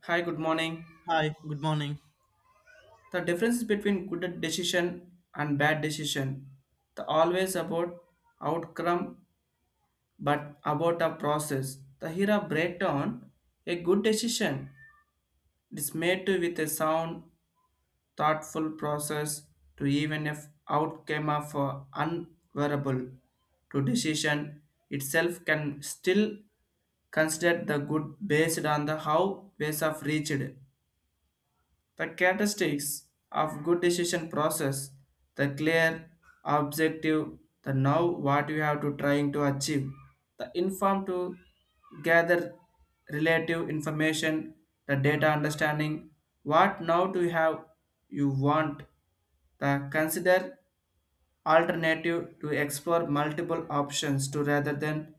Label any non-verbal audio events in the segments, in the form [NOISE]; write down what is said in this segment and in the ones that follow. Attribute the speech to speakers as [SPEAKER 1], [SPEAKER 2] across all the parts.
[SPEAKER 1] Hi, good morning.
[SPEAKER 2] Hi, good morning.
[SPEAKER 1] The difference between good decision and bad decision. The always about outcome but about a process. The here a breakdown. A good decision is made to with a sound, thoughtful process to even if outcome of unwearable to decision itself can still considered the good based on the how ways of reached. The characteristics of good decision process, the clear objective, the now what you have to trying to achieve, the inform to gather relative information, the data understanding, what now do you have you want, the consider alternative to explore multiple options to rather than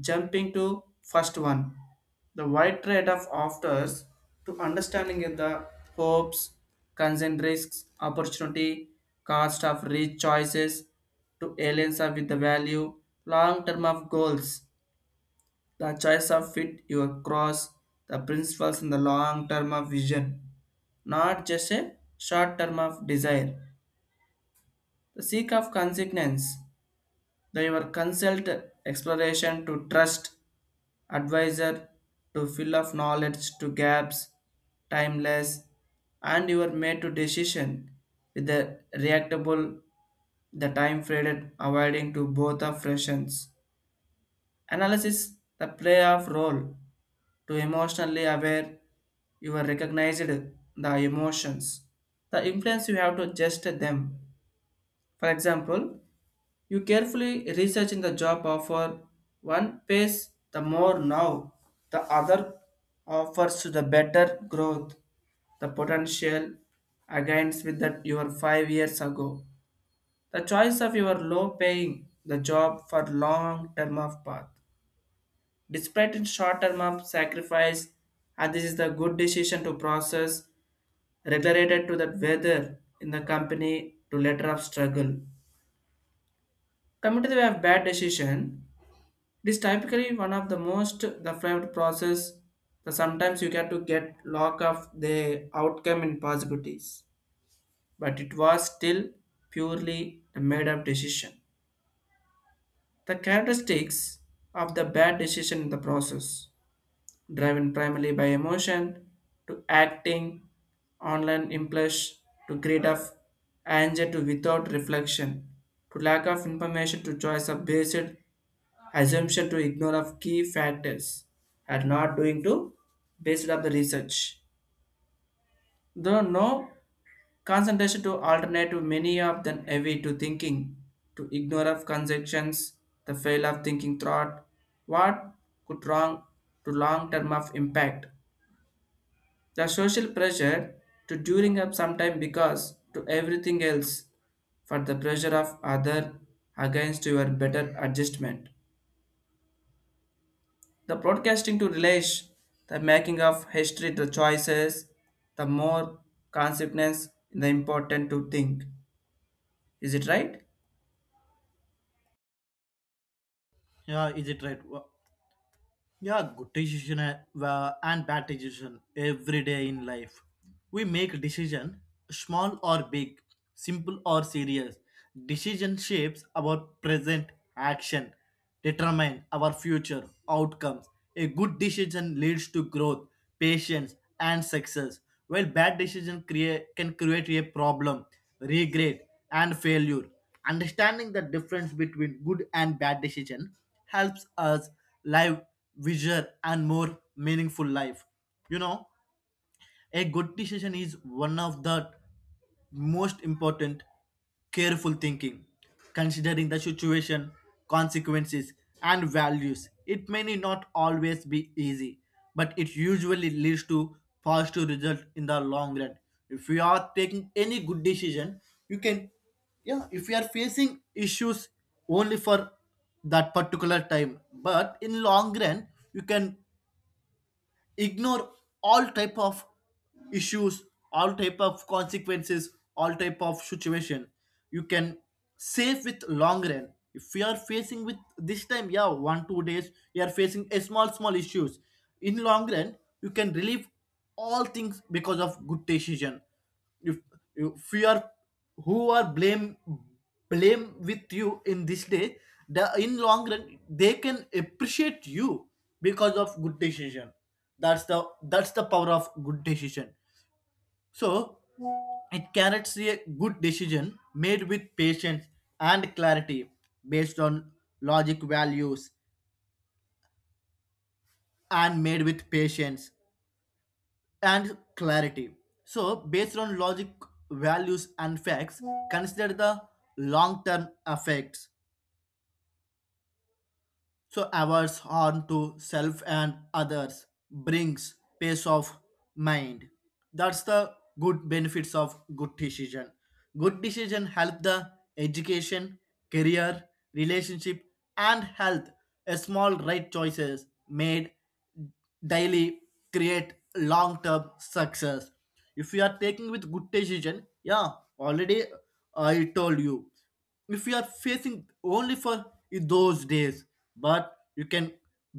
[SPEAKER 1] jumping to first one, the wide trade-off offers to understanding of the hopes, concerns, risks, opportunity, cost of rich choices to aliens of with the value, long term of goals, the choice of fit your cross, the principles in the long term of vision, not just a short term of desire. The seek of consequence, the your consult exploration to trust advisor to fill of knowledge to gaps, timeless, and you are made to decision with the reactable, the time faded, avoiding to both of fractions. Analysis the play of role to emotionally aware you are recognized the emotions the influence you have to adjust them. For example, you carefully research in the job offer. One pays the more now, the other offers to the better growth, the potential against with that your 5 years ago. The choice of your low paying the job for long term of path. Despite in short term of sacrifice, and this is the good decision to process related to that weather in the company to letter of struggle. Coming to the way of bad decision, it is typically one of the most the flavored process. The sometimes you get to get lock of the outcome in possibilities, but it was still purely a made up decision. The characteristics of the bad decision in the process driven primarily by emotion to acting, online impulse to greed of anger to without reflection, to lack of information to choice of based assumption to ignore of key factors and not doing to based on the research. Though no concentration to alternative many of them heavy to thinking, to ignore of conceptions, the fail of thinking thought, what could wrong to long term of impact the social pressure to during up sometime because to everything else for the pressure of other against your better adjustment. The broadcasting to relish the making of history the choices, the more consequence the important to think. Is it right?
[SPEAKER 2] Yeah, is it right? Yeah, good decision and bad decision every day in life. We make decision, small or big, simple or serious. Decision shapes our present action, determine our future outcomes. A good decision leads to growth, patience, and success, while bad decision create can create a problem, regret, and failure. Understanding the difference between good and bad decision helps us live, visual, and more meaningful life. You know, a good decision is one of the most important careful thinking, considering the situation, consequences, and values. It may not always be easy, but it usually leads to positive result in the long run. If you are taking any good decision, you can, yeah, if you are facing issues only for that particular time, but in long run, you can ignore all type of issues, all type of consequences, all type of situation, you can save with long run. If you are facing with this time, yeah, one two days you are facing a small small issues, in long run you can relieve all things because of good decision. If, if you are who are blame with you in this day, the in long run they can appreciate you because of good decision. That's the power of good decision. So it carries a good decision made with patience and clarity, based on logic values, and made with patience and clarity. So, based on logic, values, and facts, consider the long term effects. So, averts harm to self and others brings peace of mind. That's the good benefits of good decision. Good decision help the education, career, relationship, and health. A small right choices made daily create long term success if you are taking with good decision. Yeah, already I told you, if you are facing only for those days, but you can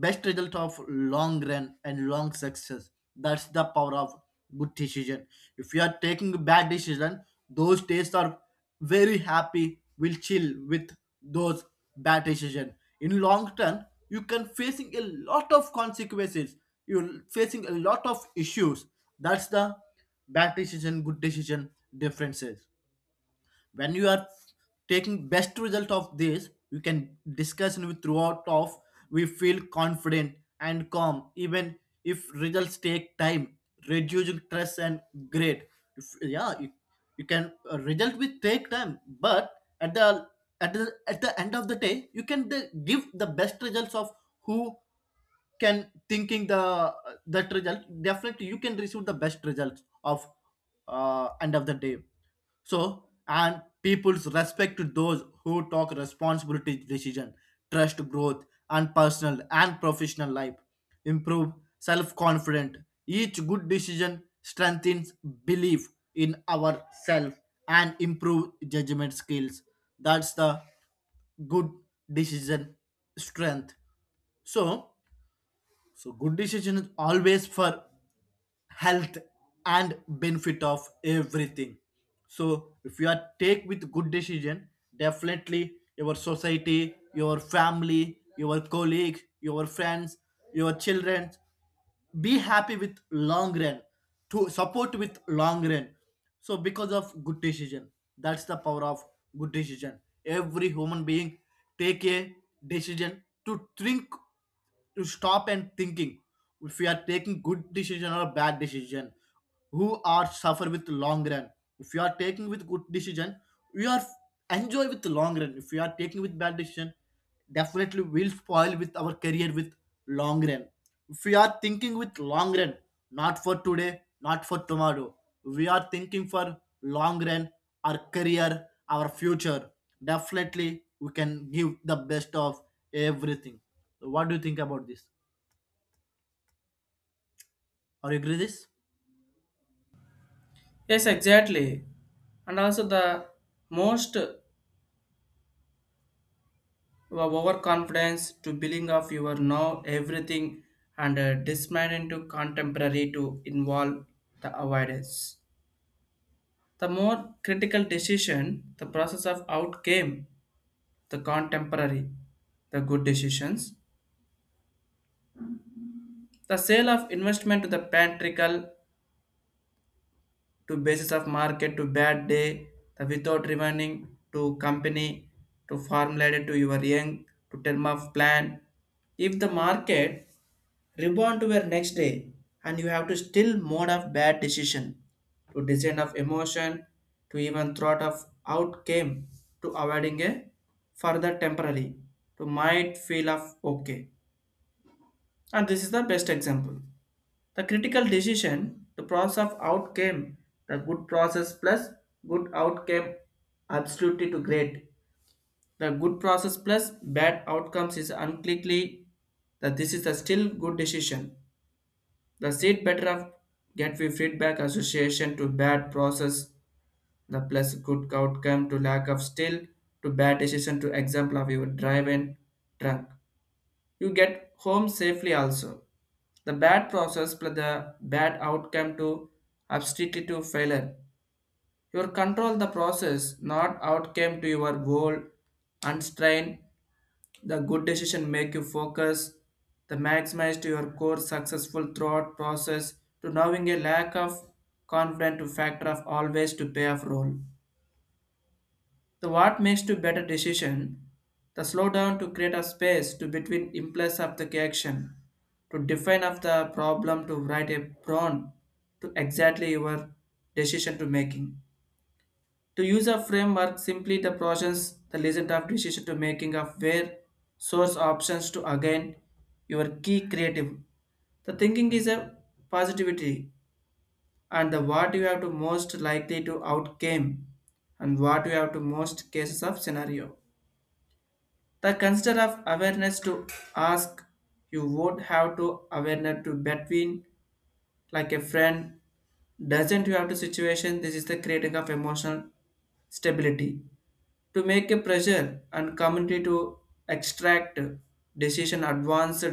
[SPEAKER 2] best result of long run and long success. That's the power of good decision. If you are taking bad decision, those days are very happy, will chill with those bad decision, in long term you can facing a lot of consequences, you're facing a lot of issues. That's the bad decision good decision differences. When you are taking best result of this, you can discuss with throughout of, we feel confident and calm even if results take time, reducing stress and grade. If yeah, you can result with take time, but at the at the end of the day you can give the best results of who can thinking the that result. Definitely you can receive the best results of end of the day. So, and people's respect to those who talk responsibility, decision, trust, growth, and personal and professional life improve self-confident. Each good decision strengthens belief in ourselves and improve judgment skills. That's the good decision strength. So, so good decision is always for health and benefit of everything. So if you are take with good decision, definitely your society, your family, your colleague, your friends, your children be happy with long run, to support with long run, so because of good decision. That's the power of good decision. Every human being take a decision to think, to stop and thinking, if we are taking good decision or bad decision, who are suffer with long run. If you are taking with good decision, you are enjoy with long run. If you are taking with bad decision, definitely will spoil with our career with long run. If we are thinking with long run, not for today, not for tomorrow, we are thinking for long run, our career, our future, definitely we can give the best of everything. So, what do you think about this? Are you agree this?
[SPEAKER 1] Yes, exactly. And also the most your overconfidence to billing of your know everything and dismay into contemporary to involve the avoidance. The more critical decision, the process of outcame, the contemporary, the good decisions. The sale of investment to the patriarchal to basis of market to bad day, the without remaining to company to formulated to your young to term of plan. If the market rebound to your next day and you have to still mode of bad decision to design of emotion to even thought of outcome to avoiding a further temporary to might feel of okay, and this is the best example. The critical decision, the process of outcame, the good process plus good outcome absolutely to great. The good process plus bad outcomes is unclearly that this is a still good decision. The seed better of get we feedback association to bad process, the plus good outcome to lack of still to bad decision to example of your drive and drunk. You get home safely also. The bad process plus the bad outcome to obstacle to failure. You control the process, not outcome to your goal. Unstrain the good decision make you focus. The maximize to your core successful throughout process to knowing a lack of confident to factor of always to pay off role. The what makes to better decision, the slow down to create a space to between impulse of the action, to define of the problem to write a prompt to exactly your decision to making. To use a framework simply the process the lesson of decision to making of where source options to again your key creative. The thinking is a positivity and the what you have to most likely to outcome and what you have to most cases of scenario. The concept of awareness to ask you won't have to awareness to between like a friend doesn't you have to situation. This is the creating of emotional stability to make a pressure and community to extract decision advanced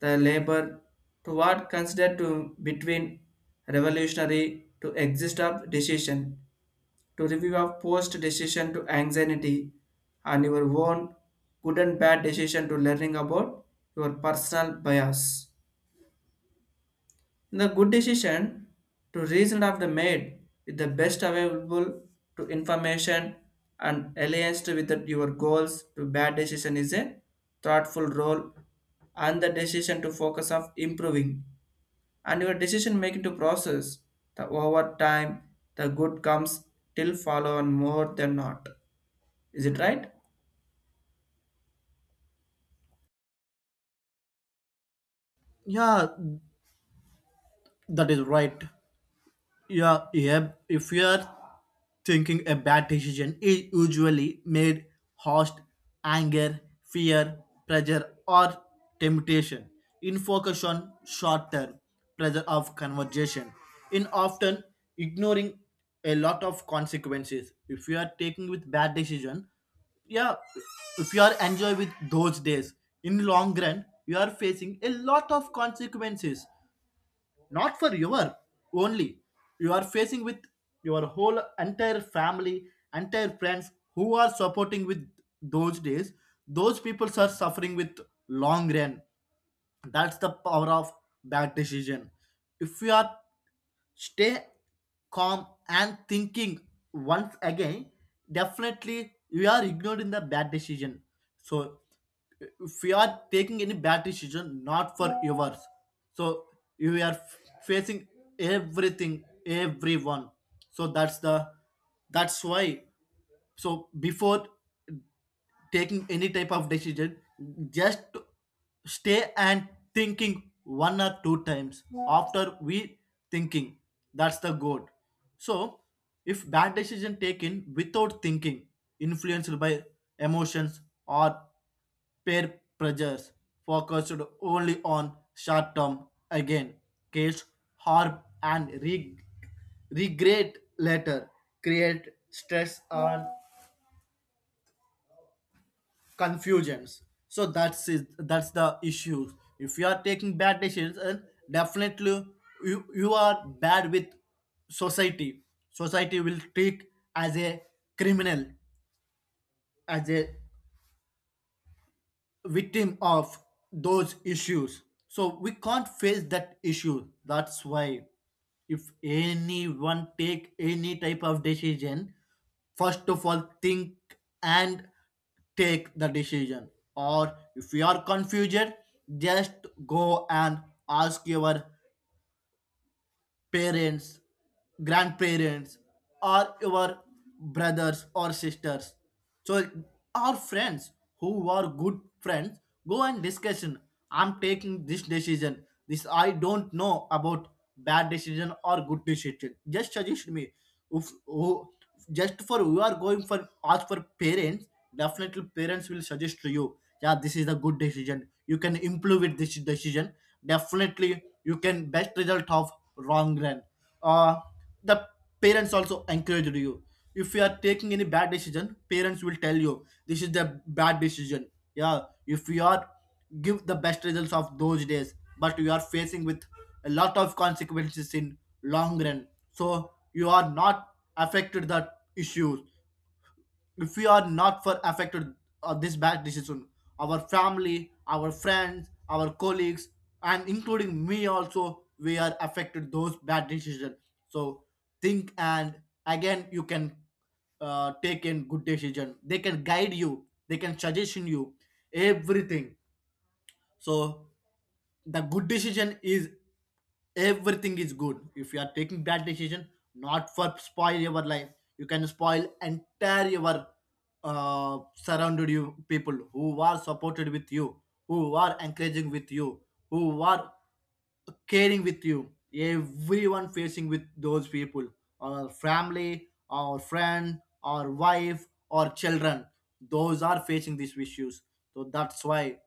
[SPEAKER 1] the labor to what considered to between revolutionary to exist of decision to review a post decision to anxiety and your own good and bad decision to learning about your personal bias. In the good decision, to reason of the made with the best available to information and alliance with the- your goals to bad decision is a thoughtful role and the decision to focus of improving and your decision making to process the over time the good comes till follow on more than not. Is it right?
[SPEAKER 2] Yeah, that is right. Yeah. If you are thinking a bad decision is usually made host anger, fear, pressure, or temptation. In focus on short term pressure of conversation, in often ignoring a lot of consequences. If you are taking with bad decision, yeah, if you are enjoy with those days, in long run, you are facing a lot of consequences, not for your only, you are facing with your whole entire family, entire friends who are supporting with those days, those people are suffering with long run. That's the power of bad decision. If you are stay calm and thinking once again, definitely you are ignored in the bad decision. So if you are taking any bad decision not for yours, so you are facing everything, everyone. So that's why, so before taking any type of decision, just stay and thinking one or two times, after we thinking, that's the goal. So if bad decision taken without thinking, influenced by emotions or peer pressures, focused only on short term, again case harm and regret later, create stress on confusions. So that's it, that's the issue. If you are taking bad decisions, and definitely you are bad with society, society will treat as a criminal, as a victim of those issues. So we can't face that issue. That's why if anyone take any type of decision, first of all think and take the decision. Or if you are confused, just go and ask your parents, grandparents, or your brothers or sisters. So our friends who are good friends, go and discussion. I'm taking this decision. This I don't know about bad decision or good decision. Just suggest me. If who just for you are going for ask for parents, definitely parents will suggest to you, yeah this is a good decision, you can improve with this decision, definitely you can best result of wrong run. uh the parents also encourage you. If you are taking any bad decision, parents will tell you this is the bad decision. Yeah, if you are give the best results of those days, but you are facing with a lot of consequences in long run. So you are not affected that issues. If we are not for affected this bad decision, our family, our friends, our colleagues, and including me also, we are affected those bad decisions. So think and again you can take in good decision, they can guide you, they can suggestion you everything. So the good decision is everything is good. If you are taking bad decision, not for spoil your life, you can spoil entire your surrounded you people who are supported with you, who are encouraging with you, who are caring with you, everyone facing with those people, our family, our friend, our wife or children, those are facing these issues. So that's why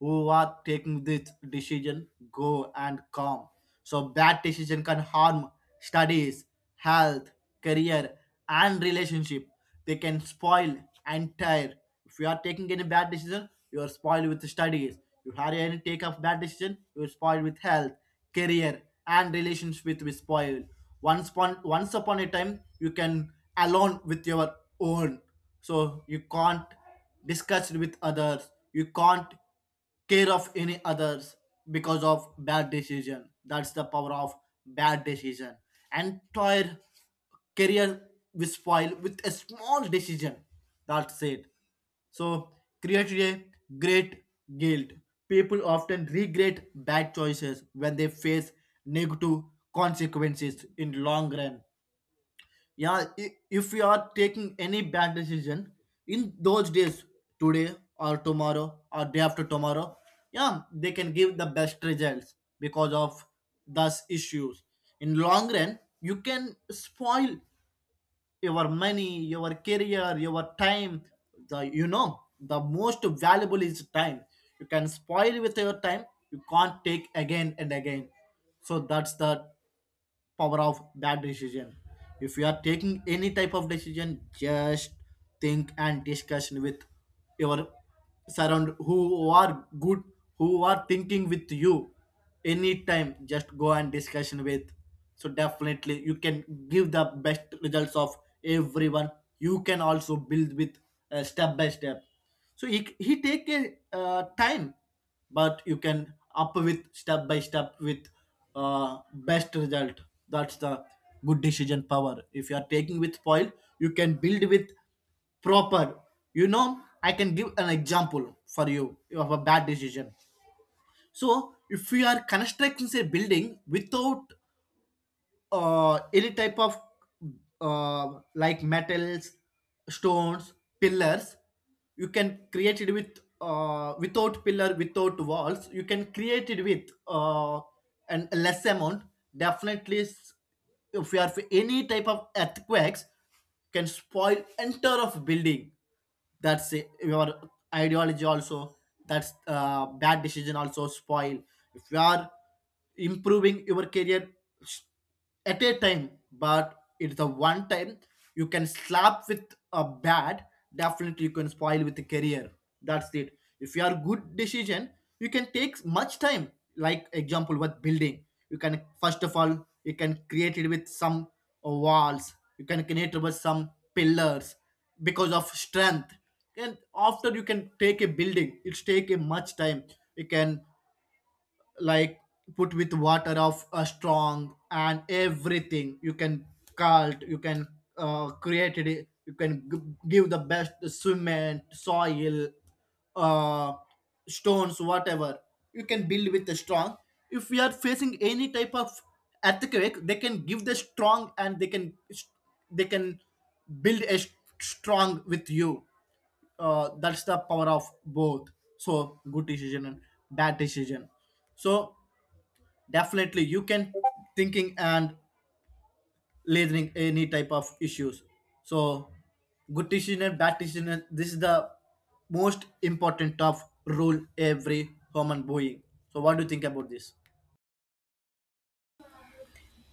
[SPEAKER 2] who are taking this decision, go and calm. So bad decision can harm studies, health, career, and relationship. They can spoil entire. If you are taking any bad decision, you are spoiled with studies. You have any take of bad decision, you are spoiled with health, career, and relations, with be spoiled. Once upon a time, you can alone with your own. So you can't discuss with others. You can't care of any others because of bad decision. That's the power of bad decision. Entire career will spoil with a small decision. That's it. So created a great guilt. People often regret bad choices when they face negative consequences in long run. Yeah, if we are taking any bad decision in those days, today or tomorrow or day after tomorrow, yeah they can give the best results, because of those issues in long run, you can spoil your money, your career, your time. The you know, the most valuable is time. You can spoil with your time, you can't take again and again. So that's the power of that decision. If you are taking any type of decision, just think and discuss with your surround who are good, who are thinking with you, anytime just go and discussion with. So definitely you can give the best results of everyone. You can also build with step by step. So he take a time, but you can up with step by step with best result. That's the good decision power. If you are taking with spoil, you can build with proper. You know, I can give an example for you of a bad decision. So if we are constructing a building without any type of like metals, stones, pillars, you can create it with without pillar without walls, you can create it with an a less amount. Definitely, if you are any type of earthquakes, can spoil entire of building. That's it. Your ideology also, that's bad decision also spoil. If you are improving your career at a time, but it's a one time, you can slap with a bat. Definitely, you can spoil with a career. That's it. If you are good decision, you can take much time. Like example, with building, you can first of all you can create it with some walls. You can create it with some pillars because of strength. And after you can take a building, it's take a much time. You can, like, put with water of a strong and everything, you can cult, you can create it, you can give the best cement soil, uh, stones whatever, you can build with the strong. If we are facing any type of earthquake, they can give the strong and they can build a strong with you. That's the power of both. So good decision and bad decision. So definitely you can thinking and listening any type of issues. So good decision and bad decision, this is the most important of rule every human being. So what do you think about this?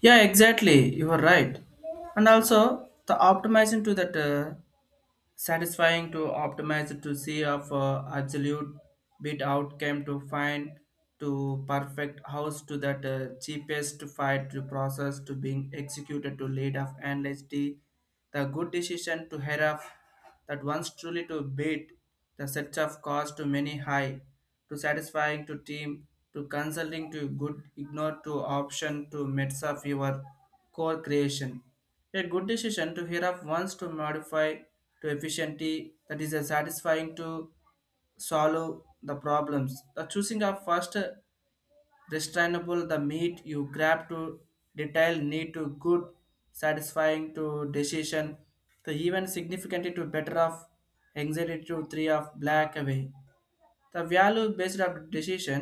[SPEAKER 1] Yeah, exactly. You are right. And also the optimizing to that satisfying to optimize to see of absolute bit outcome to find to perfect house to that cheapest fight to process to being executed to lead of analysis the good decision to hear of that once truly to beat the sets of cost to many high to satisfying to team to consulting to good ignore to option to midst of your core creation. A good decision to hear of wants to modify to efficiency that is a satisfying to solve the problems. The choosing of first restrainable the meat you grab to detail need to good satisfying to decision to even significantly to better of anxiety to three of black away the value based of decision,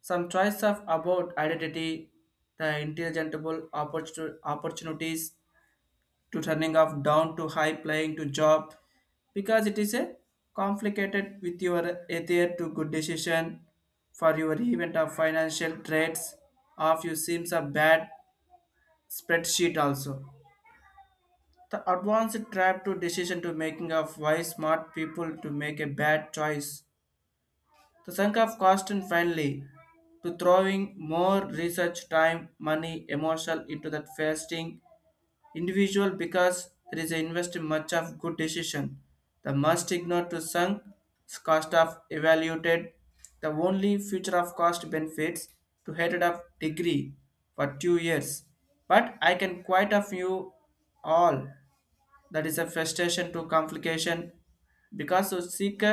[SPEAKER 1] some choice of about identity, the intelligible opportunities to turning off down to high playing to job because it is a complicated with your ether to good decision for your event of financial trades of you seems a bad spreadsheet also. The advanced trap to decision to making of why smart people to make a bad choice. The sunk of cost and finally to throwing more research, time, money, emotional into that fasting individual because there is invested much of good decision. The must ignore to sunk cost of evaluated the only future of cost benefits to headed of degree for 2 years. But I can quite a few all that is a frustration to complication because to seek a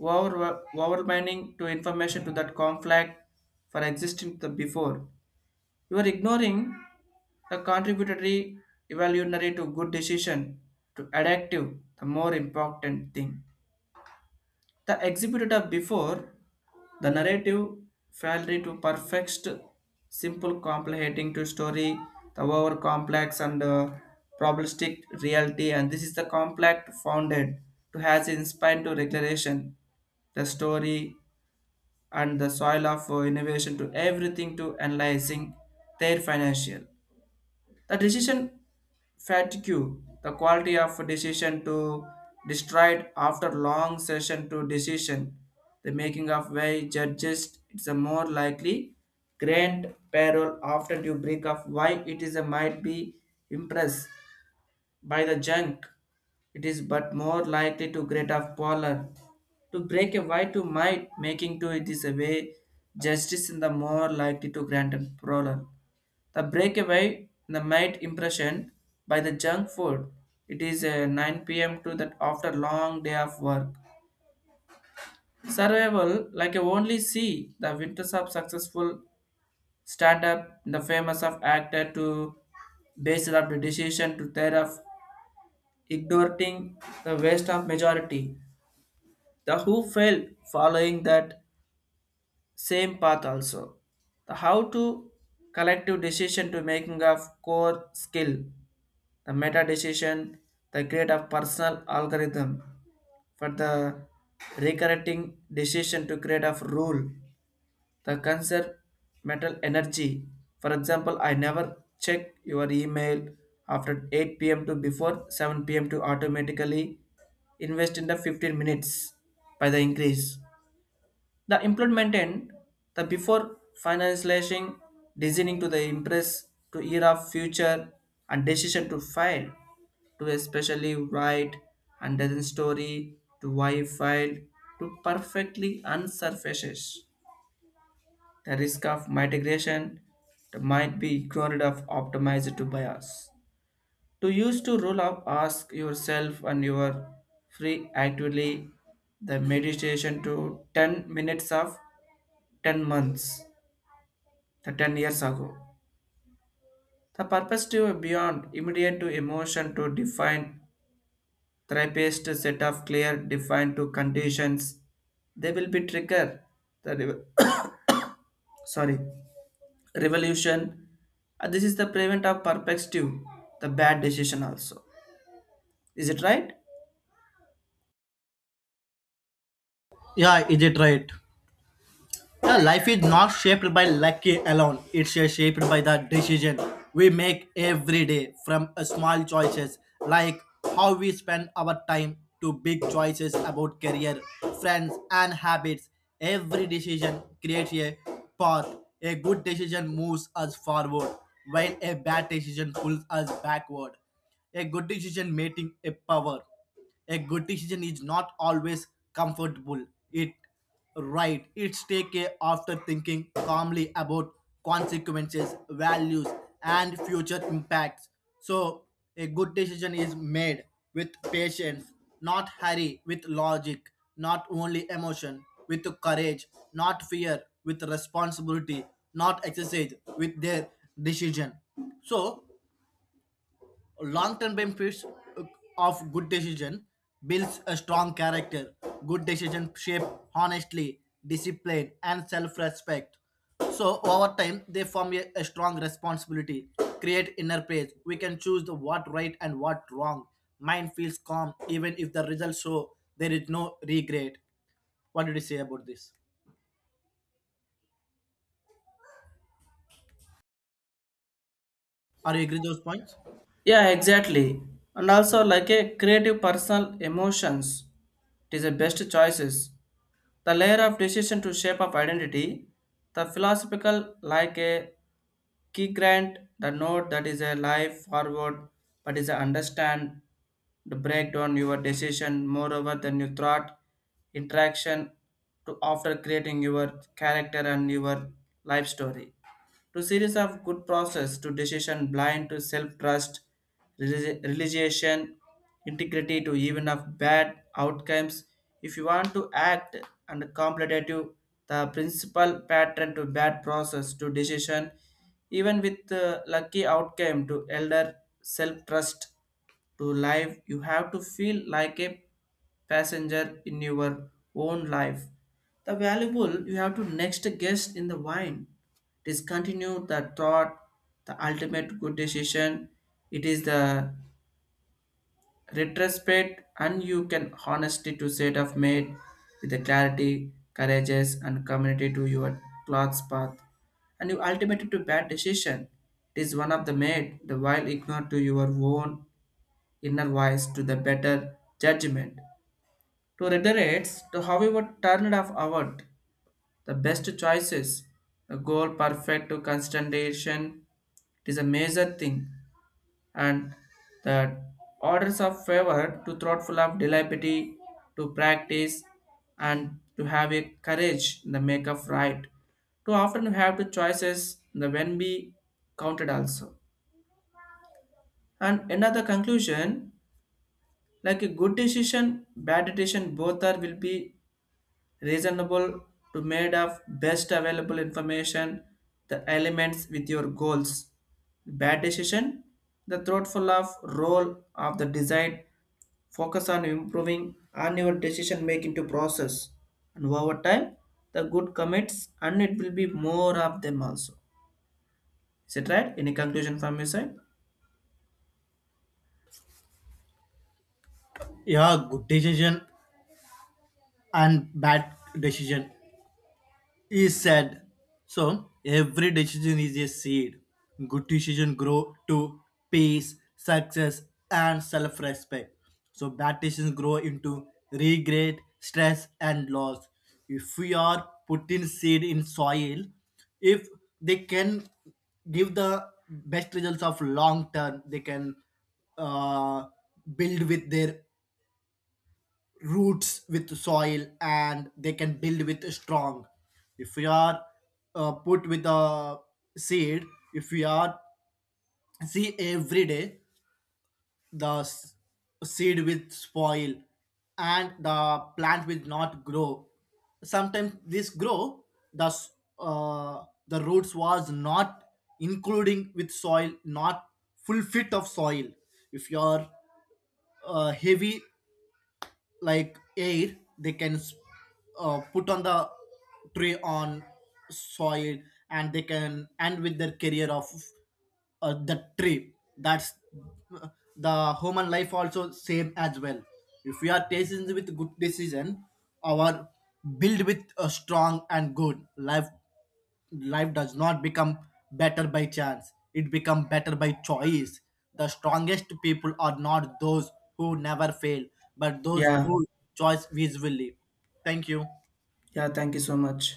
[SPEAKER 1] over, overwhelming to information to that conflict for existing the before you are ignoring the contributory evolutionary to good decision to adaptive the more important thing the exhibited of before the narrative failure to perfect simple complicating to story the over complex and probabilistic reality, and this is the complex founded to has inspired to declaration the story and the soil of innovation to everything to analyzing their financial the decision fatigue, the quality of decision to destroyed after long session to decision, the making of way judges, it's a more likely grant parole after you break of why it is a might be impressed by the junk. It is but more likely to grate of polar. To break a why to might making to it is a way justice in the more likely to grant a parole. The breakaway, the made impression by the junk food. It is 9 p.m. to that after long day of work. Survival, like you only see the winters of successful stand-up, the famous of actor to base up the decision to thereof ignoring the waste of majority. The who fail following that same path also. The how to collective decision to making of core skill the meta decision, the create a personal algorithm for the recurring decision to create a rule, the conserve mental energy. For example, I never check your email after 8 p.m. to before 7 p.m. to automatically invest in the 15 minutes by the increase. The implementation, the before finalizing, designing to the impress to era future and decision to file to especially write and doesn't story to why file to perfectly unsurfaces. The risk of mitigation that might be ignored of optimized to bias. To use to rule up, ask yourself and your free actively the meditation to 10 minutes of 10 months, the 10 years ago. The perspective beyond immediate to emotion to define therapist set of clear defined to conditions. They will be trigger the [COUGHS] sorry revolution. This is the prevent of perspective, the bad decision also. Is it right?
[SPEAKER 2] Yeah, is it right? Yeah, life is not shaped by luck alone. It's shaped by the decision we make every day, from small choices like how we spend our time, to big choices about career, friends, and habits. Every decision creates a path. A good decision moves us forward, while a bad decision pulls us backward. A good decision making a power. A good decision is not always comfortable. It. Right, it's take a after thinking calmly about consequences, values, and future impacts. So, a good decision is made with patience, not hurry, with logic, not only emotion, with courage, not fear, with responsibility, not exercise, with their decision. So, long-term benefits uh, of good decision builds a strong character. Good decision shape honestly discipline and self-respect. So over time they form a strong responsibility, create inner peace. We can choose the what right and what wrong. Mind feels calm even if the results show there is no regret. What did you say about this? Are you agree those points?
[SPEAKER 1] Yeah, exactly. And also like a creative personal emotions. It is the best choices. The layer of decision to shape of identity. The philosophical like a key grant the note that is a life forward, but is a understand to break down your decision moreover than you thought interaction to after creating your character and your life story to series of good process to decision blind to self-trust religion integrity to even of bad outcomes if you want to act and competitive the principal pattern to bad process to decision even with lucky outcome to elder self-trust to life you have to feel like a passenger in your own life the valuable you have to next guest in the wine discontinue the thought, the ultimate good decision. It is the retrospect, and you can honestly to set of made with the clarity, courageous, and community to your cloth's path, and you ultimately to bad decision. It is one of the made the while ignore to your own inner voice to the better judgment. To reiterate, to however turned off outward the best choices, the goal perfect to constantation, it is a major thing. And the orders of favor to thoughtful of deliberately to practice and to have a courage in the make of right. To often have the choices the when be counted also. And another conclusion, like a good decision, bad decision, both are will be reasonable to made of best available information the elements with your goals bad decision the thoughtful of role of the design focus on improving on your decision making to process and over time the good commits and it will be more of them also. Is it right? Any conclusion from your side?
[SPEAKER 2] Yeah, good decision and bad decision. He said, so every decision is a seed. Good decision grow to peace, success, and self-respect. So bad decisions grow into regret, stress, and loss. If we are putting seed in soil, if they can give the best results of long term, they can uh, build with their roots with soil and they can build with strong. If we are put with the seed, if we are see every day, the seed with spoil and the plant will not grow. Sometimes this grow, the the roots was not including with soil, not full fit of soil. If you are heavy like air, they can put on the tray on soil, and they can end with their career of the tree. That's uh, the human life also same as well. If we are tasting with good decision, our build with a strong and good life. Life does not become better by chance, it becomes better by choice. The strongest people are not those who never fail, but those
[SPEAKER 1] Yeah,
[SPEAKER 2] who choose visually. Thank you.
[SPEAKER 1] yeah, thank you so much.